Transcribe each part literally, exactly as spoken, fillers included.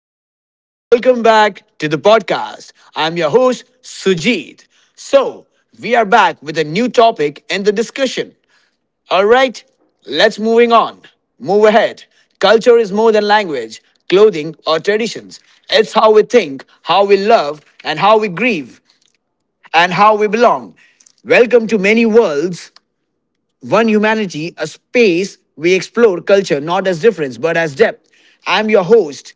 listeners. Welcome back to the podcast. I'm your host, Sujit. So, we are back with a new topic in the discussion. All right, let's moving on. Move ahead. Culture is more than language, clothing, or traditions. It's how we think, how we love, and how we grieve, and how we belong. Welcome to Many Worlds, One Humanity, a space we explore culture not as difference but as depth. I'm your host,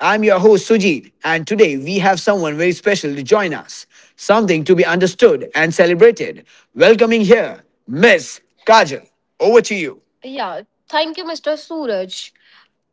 I'm your host Sujit, and today we have someone very special to join us. Something to be understood and celebrated. Welcoming here, Miss Kajal. Over to you. Yeah, thank you, mister Suraj.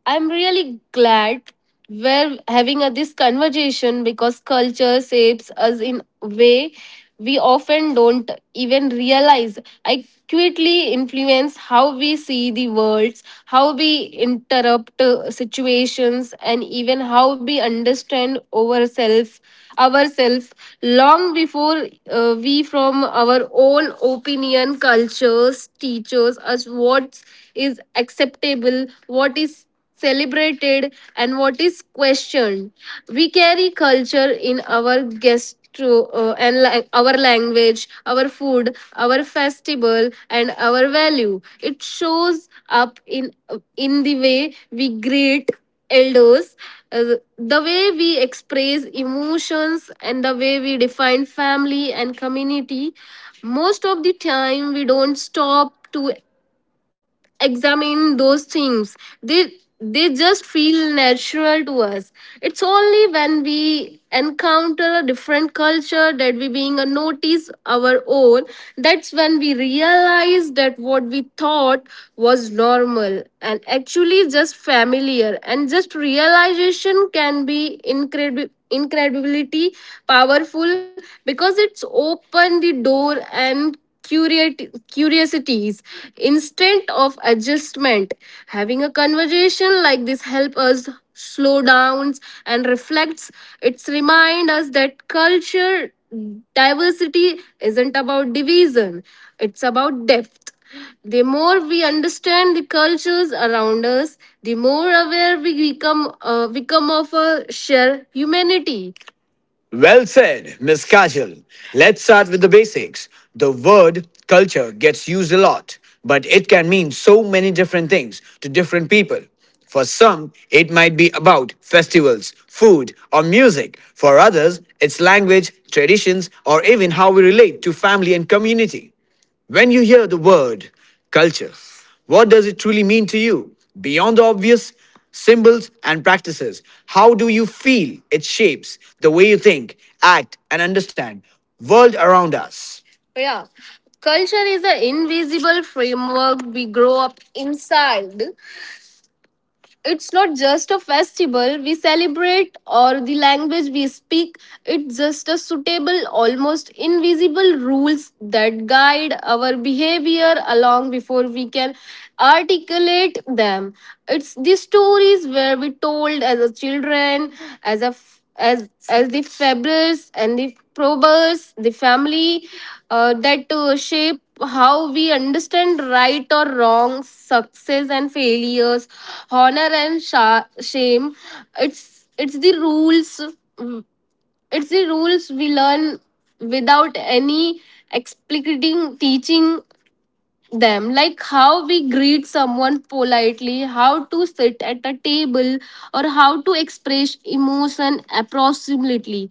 I'm really glad we're having a, this conversation because culture shapes us in a way we often don't even realize. I quickly influence how we see the world, how we interrupt uh, situations, and even how we understand ourselves, ourselves long before uh, we from our own opinion, cultures, teachers us what is acceptable, what is celebrated and what is questioned. We carry culture in our gastro uh, and la- our language, our food, our festival, and our value. It shows up in in the way we greet elders, uh, the way we express emotions, and the way we define family and community. Most of the time, we don't stop to examine those things. They they just feel natural to us. It's only when we encounter a different culture that we being a notice our own. That's when we realize that what we thought was normal and actually just familiar, and just realization can be incredible incredibility powerful because it's opened the door and curiat- curiosities instant of adjustment. Having a conversation like this helps us slow down and reflects. It's remind us that culture diversity isn't about division, it's about depth. The more we understand the cultures around us, the more aware we become uh, become of a shared humanity. Well said, Miss Kajal. Let's start with the basics. The word culture gets used a lot, but it can mean so many different things to different people. For some, it might be about festivals, food, or music. For others, it's language, traditions, or even how we relate to family and community. When you hear the word culture, what does it truly mean to you? Beyond the obvious symbols and practices, how do you feel it shapes the way you think, act, and understand world around us? Yeah. Culture is an invisible framework we grow up inside. It's not just a festival we celebrate or the language we speak, it's just a suitable, almost invisible rules that guide our behavior along before we can articulate them. It's the stories where we told as a children, as a f- as as the fabrics and the probers the family uh, that uh, shape how we understand right or wrong, success and failures, honor and sha- shame. It's it's the rules it's the rules we learn without any explicating teaching them, like how we greet someone politely, how to sit at a table, or how to express emotion approximately.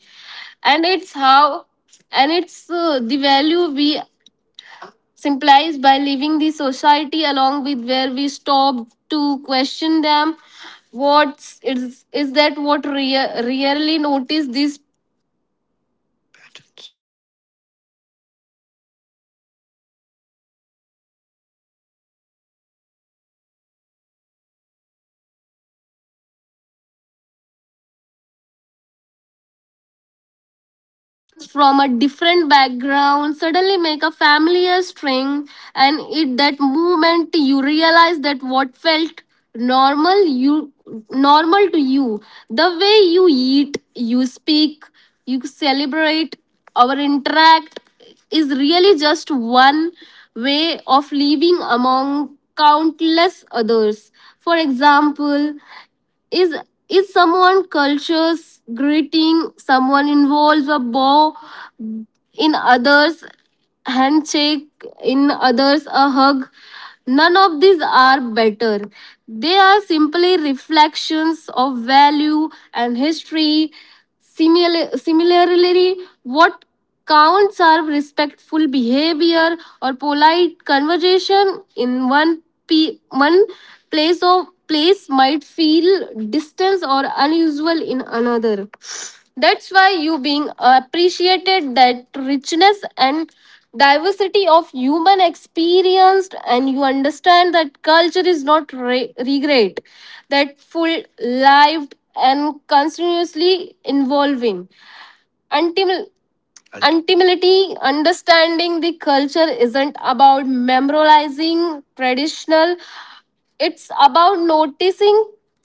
And it's how and it's uh, the value we symbolize by leaving the society, along with where we stop to question them. What is is that what rea- really notice these From a different background, suddenly make a familiar string. And it that moment you realize that what felt normal you normal to you, the way you eat, you speak, you celebrate, or interact is really just one way of living among countless others. For example, is is someone cultures greeting someone involves a bow. In others, handshake. In others, a hug. None of these are better. They are simply reflections of value and history. Simil- similarly, what counts are respectful behavior or polite conversation in one pe- one place or place might feel distance or unusual in another. That's why you being appreciated that richness and diversity of human experience, and you understand that culture is not re- regret that full lived and continuously evolving, until ultimately understanding the culture isn't about memorizing traditional. It's about noticing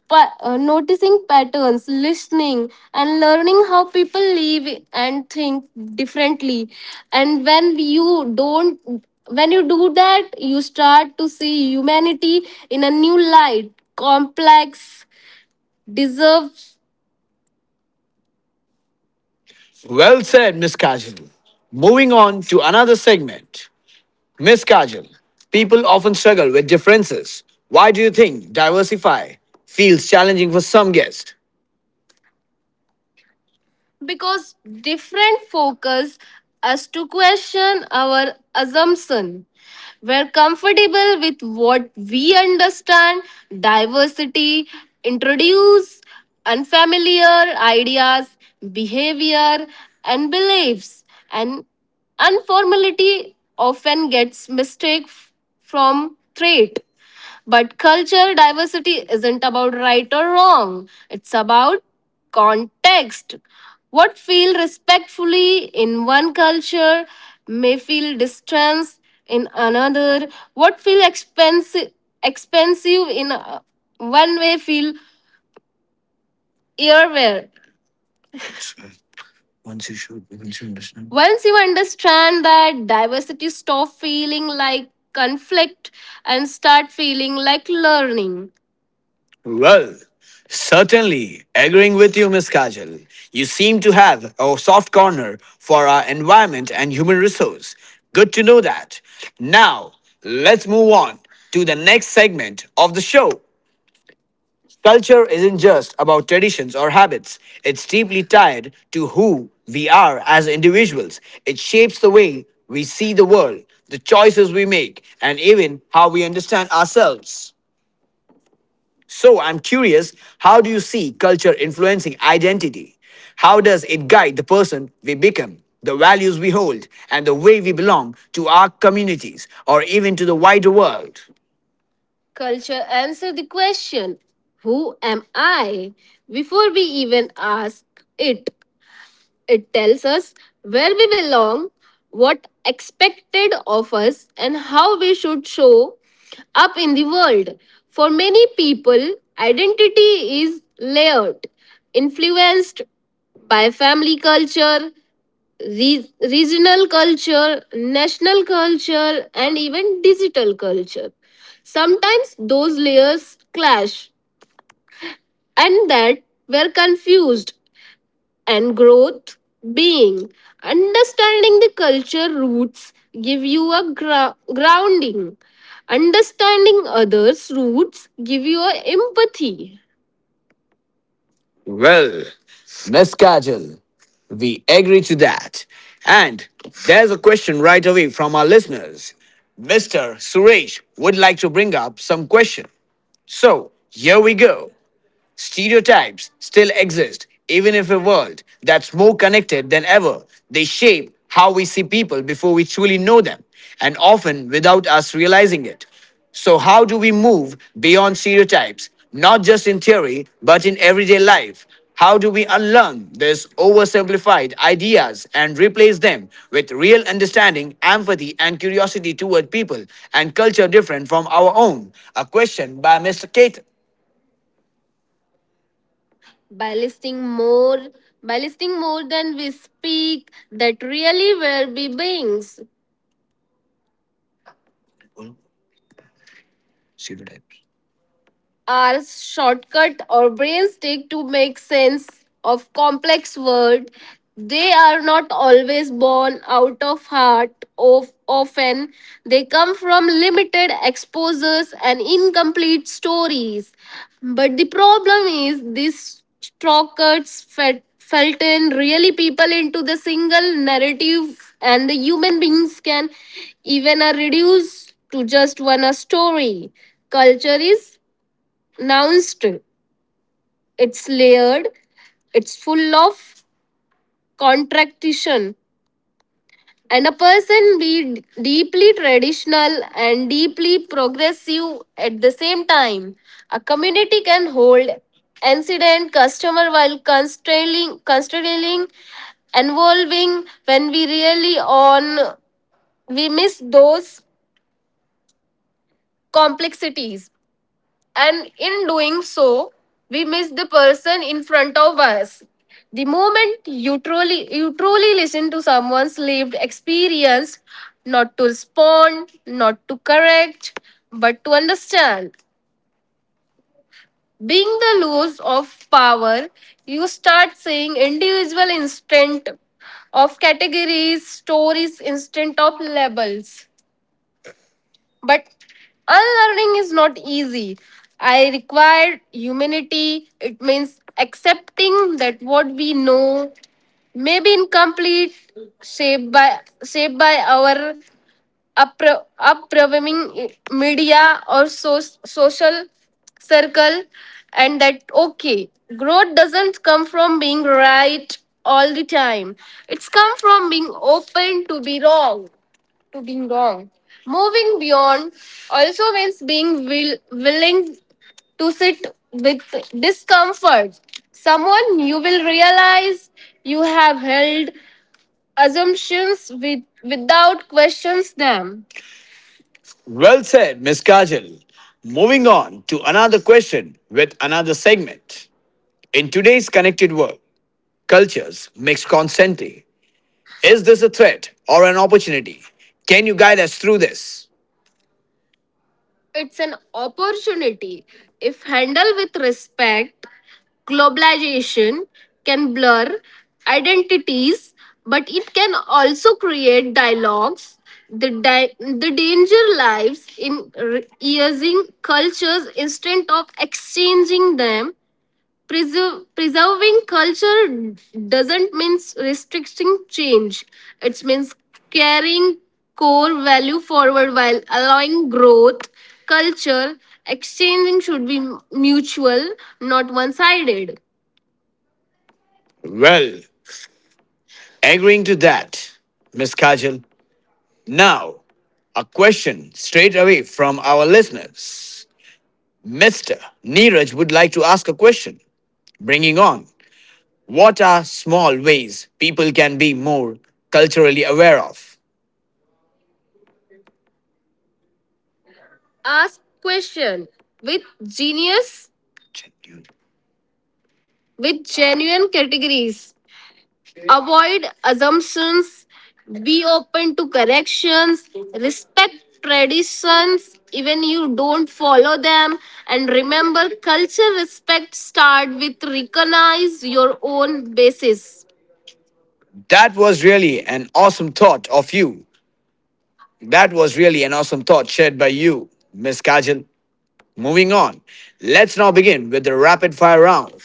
pa- uh, noticing patterns, listening, and learning how people live and think differently. And when you don't when you do that, you start to see humanity in a new light, complex, deserves. Well said, Miss Kajal. Moving on to another segment. Miss Kajal, people often struggle with differences. Why do you think diversify feels challenging for some guests? Because different focus us to question our assumption. We're comfortable with what we understand. Diversity introduce unfamiliar ideas, behavior, and beliefs. And unformality often gets mistake f- from trait. But cultural diversity isn't about right or wrong, it's about context. What feels respectfully in one culture may feel distanced in another. What feels expensive expensive in uh, one way feel earwear. Once you should, once you understand. Once you understand that diversity stop feeling like conflict and start feeling like learning. Well, certainly, agreeing with you, Miss Kajal, you seem to have a soft corner for our environment and human resource. Good to know that. Now, let's move on to the next segment of the show. Culture isn't just about traditions or habits. It's deeply tied to who we are as individuals. It shapes the way we see the world, the choices we make, and even how we understand ourselves. So I'm curious, how do you see culture influencing identity? How does it guide the person we become, the values we hold, and the way we belong to our communities or even to the wider world? Culture answers the question, who am I, before we even ask it. It tells us where we belong, what expected of us, and how we should show up in the world. For many people, identity is layered, influenced by family culture, re- regional culture, national culture, and even digital culture. Sometimes those layers clash, and that we're confused and growth being understanding the culture roots give you a gra- grounding. Understanding others roots give you a empathy. Well, Miss Kajal, we agree to that. And there's a question right away from our listeners. Mister Suresh would like to bring up some question. So here we go. Stereotypes still exist, even if a world that's more connected than ever. They shape how we see people before we truly know them, and often without us realizing it. So, how do we move beyond stereotypes, not just in theory, but in everyday life? How do we unlearn these oversimplified ideas and replace them with real understanding, empathy, and curiosity toward people and culture different from our own? A question by Mister Kate. by listing more by listing more than we speak, that really were be beings. Pseudotypes are shortcut our brains take to make sense of complex world. They are not always born out of heart of often. They come from limited exposures and incomplete stories. But the problem is these shortcuts fed felt in really people into the single narrative, and the human beings can even are reduced to just one a story. Culture is pronounced. It's layered, it's full of contraction. And a person be d- deeply traditional and deeply progressive at the same time. A community can hold incident customer while constraining, constraining involving when we really on we miss those complexities, and in doing so, we miss the person in front of us. The moment you truly you truly listen to someone's lived experience, not to respond, not to correct, but to understand. Being the loss of power, you start seeing individual instant of categories, stories, instant of labels. But unlearning is not easy. I require humanity. It means accepting that what we know may be incomplete, shaped by shaped by our uppro- upbringing, media or so- social circle, and that okay, growth doesn't come from being right all the time. It's come from being open to be wrong to being wrong. Moving beyond also means being will, willing to sit with discomfort. Someone you will realize you have held assumptions with, without questions them. Well said, Miss Kajal. Moving on to another question with another segment. In today's connected world, cultures mix constantly. Is this a threat or an opportunity? Can you guide us through this? It's an opportunity. If handled with respect, globalization can blur identities, but it can also create dialogues. The, di- the danger lies in re- using cultures instead of exchanging them. Preserve, preserving culture doesn't mean restricting change. It means carrying core value forward while allowing growth. Culture exchanging should be mutual, not one sided. Well, agreeing to that, Miss Kajal. Now, a question straight away from our listeners. Mister Neeraj would like to ask a question, bringing on. What are small ways people can be more culturally aware of? Ask question with genius, with genuine categories. Avoid assumptions. Be open to corrections. Respect traditions, even you don't follow them. And remember, culture respect start with recognize your own basis. That was really an awesome thought of you. That was really an awesome thought shared by you, Miss Kajal. Moving on, let's now begin with the rapid fire round,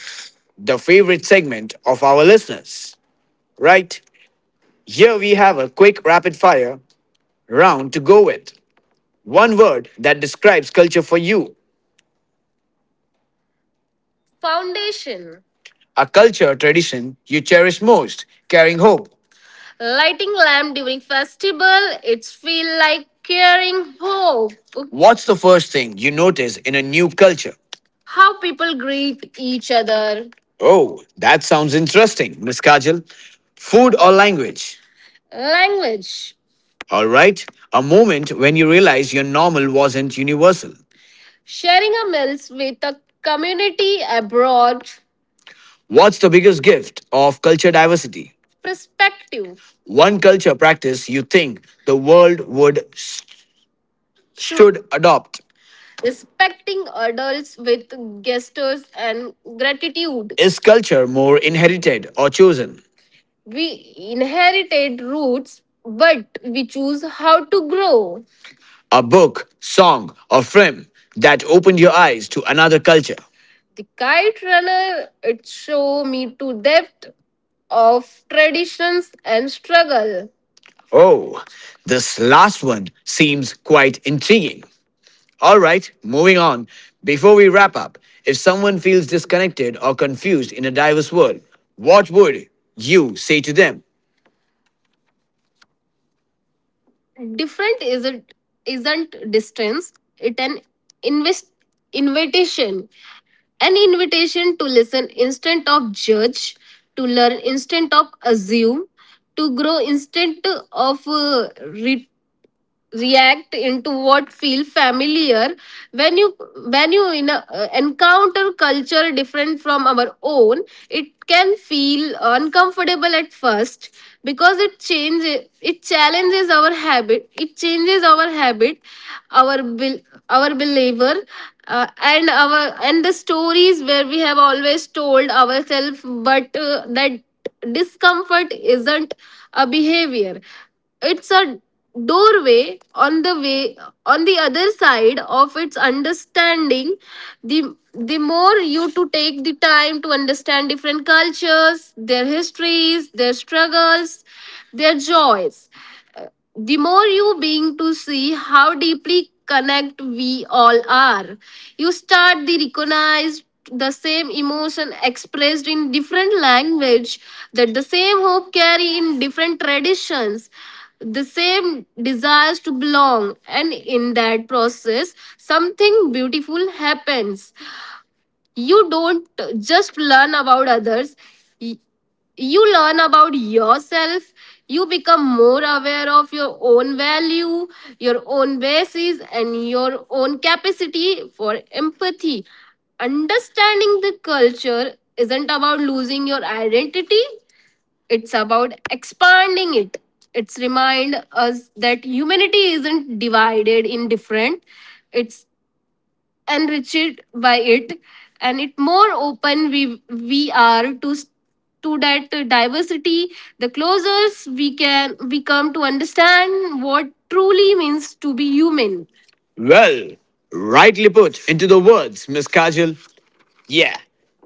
the favorite segment of our listeners. Right? Here we have a quick rapid fire round to go with. One word that describes culture for you. Foundation. A culture or tradition you cherish most, carrying hope. Lighting lamp during festival, it's feel like carrying hope. What's the first thing you notice in a new culture? How people greet each other. Oh, that sounds interesting, Miss Kajal. Food or language? Language. All right, a moment when you realize your normal wasn't universal. Sharing a meals with a community abroad. What's the biggest gift of culture diversity? Perspective. One culture practice you think the world would should adopt. Respecting adults with gestures and gratitude. Is culture more inherited or chosen? We inherited roots, but we choose how to grow. A book, song, or film that opened your eyes to another culture. The Kite Runner, it show me to depth of traditions and struggle. Oh, this last one seems quite intriguing. All right, moving on. Before we wrap up, if someone feels disconnected or confused in a diverse world, what would you say to them? Different is not is isn't distance. It an invest invitation, an invitation to listen instead of judge, to learn instead of assume, to grow instead of uh, re- react into what feel familiar. when you when you in a, uh, encounter culture different from our own, it can feel uncomfortable at first because it changes it challenges our habit, it changes our habit, our bel our believer, uh, and our and the stories where we have always told ourselves. But uh, that discomfort isn't a behavior, it's a doorway on the way on the other side of its understanding. The the more you to take the time to understand different cultures, their histories, their struggles, their joys, the more you being to see how deeply connect we all are. You start the recognize the same emotion expressed in different language, that the same hope carry in different traditions, the same desires to belong. And in that process, something beautiful happens. You don't just learn about others, y- you learn about yourself. You become more aware of your own value, your own basis, and your own capacity for empathy. Understanding the culture isn't about losing your identity, it's about expanding it. It's remind us that humanity isn't divided in different, it's enriched by it. And it more open we we are to to that diversity, the closer we can we come to understand what truly means to be human. Well, rightly put into the words, Miss Kajal. Yeah,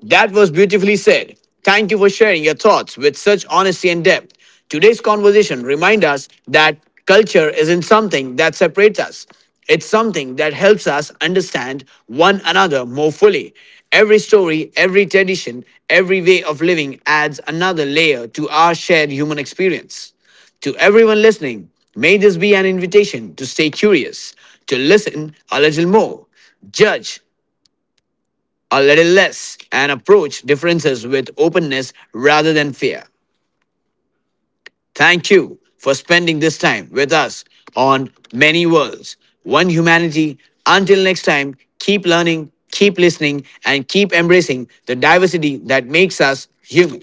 that was beautifully said. Thank you for sharing your thoughts with such honesty and depth. Today's conversation reminds us that culture isn't something that separates us. It's something that helps us understand one another more fully. Every story, every tradition, every way of living adds another layer to our shared human experience. To everyone listening, may this be an invitation to stay curious, to listen a little more, judge a little less, and approach differences with openness rather than fear. Thank you for spending this time with us on Many Worlds, One Humanity. Until next time, keep learning, keep listening, and keep embracing the diversity that makes us human.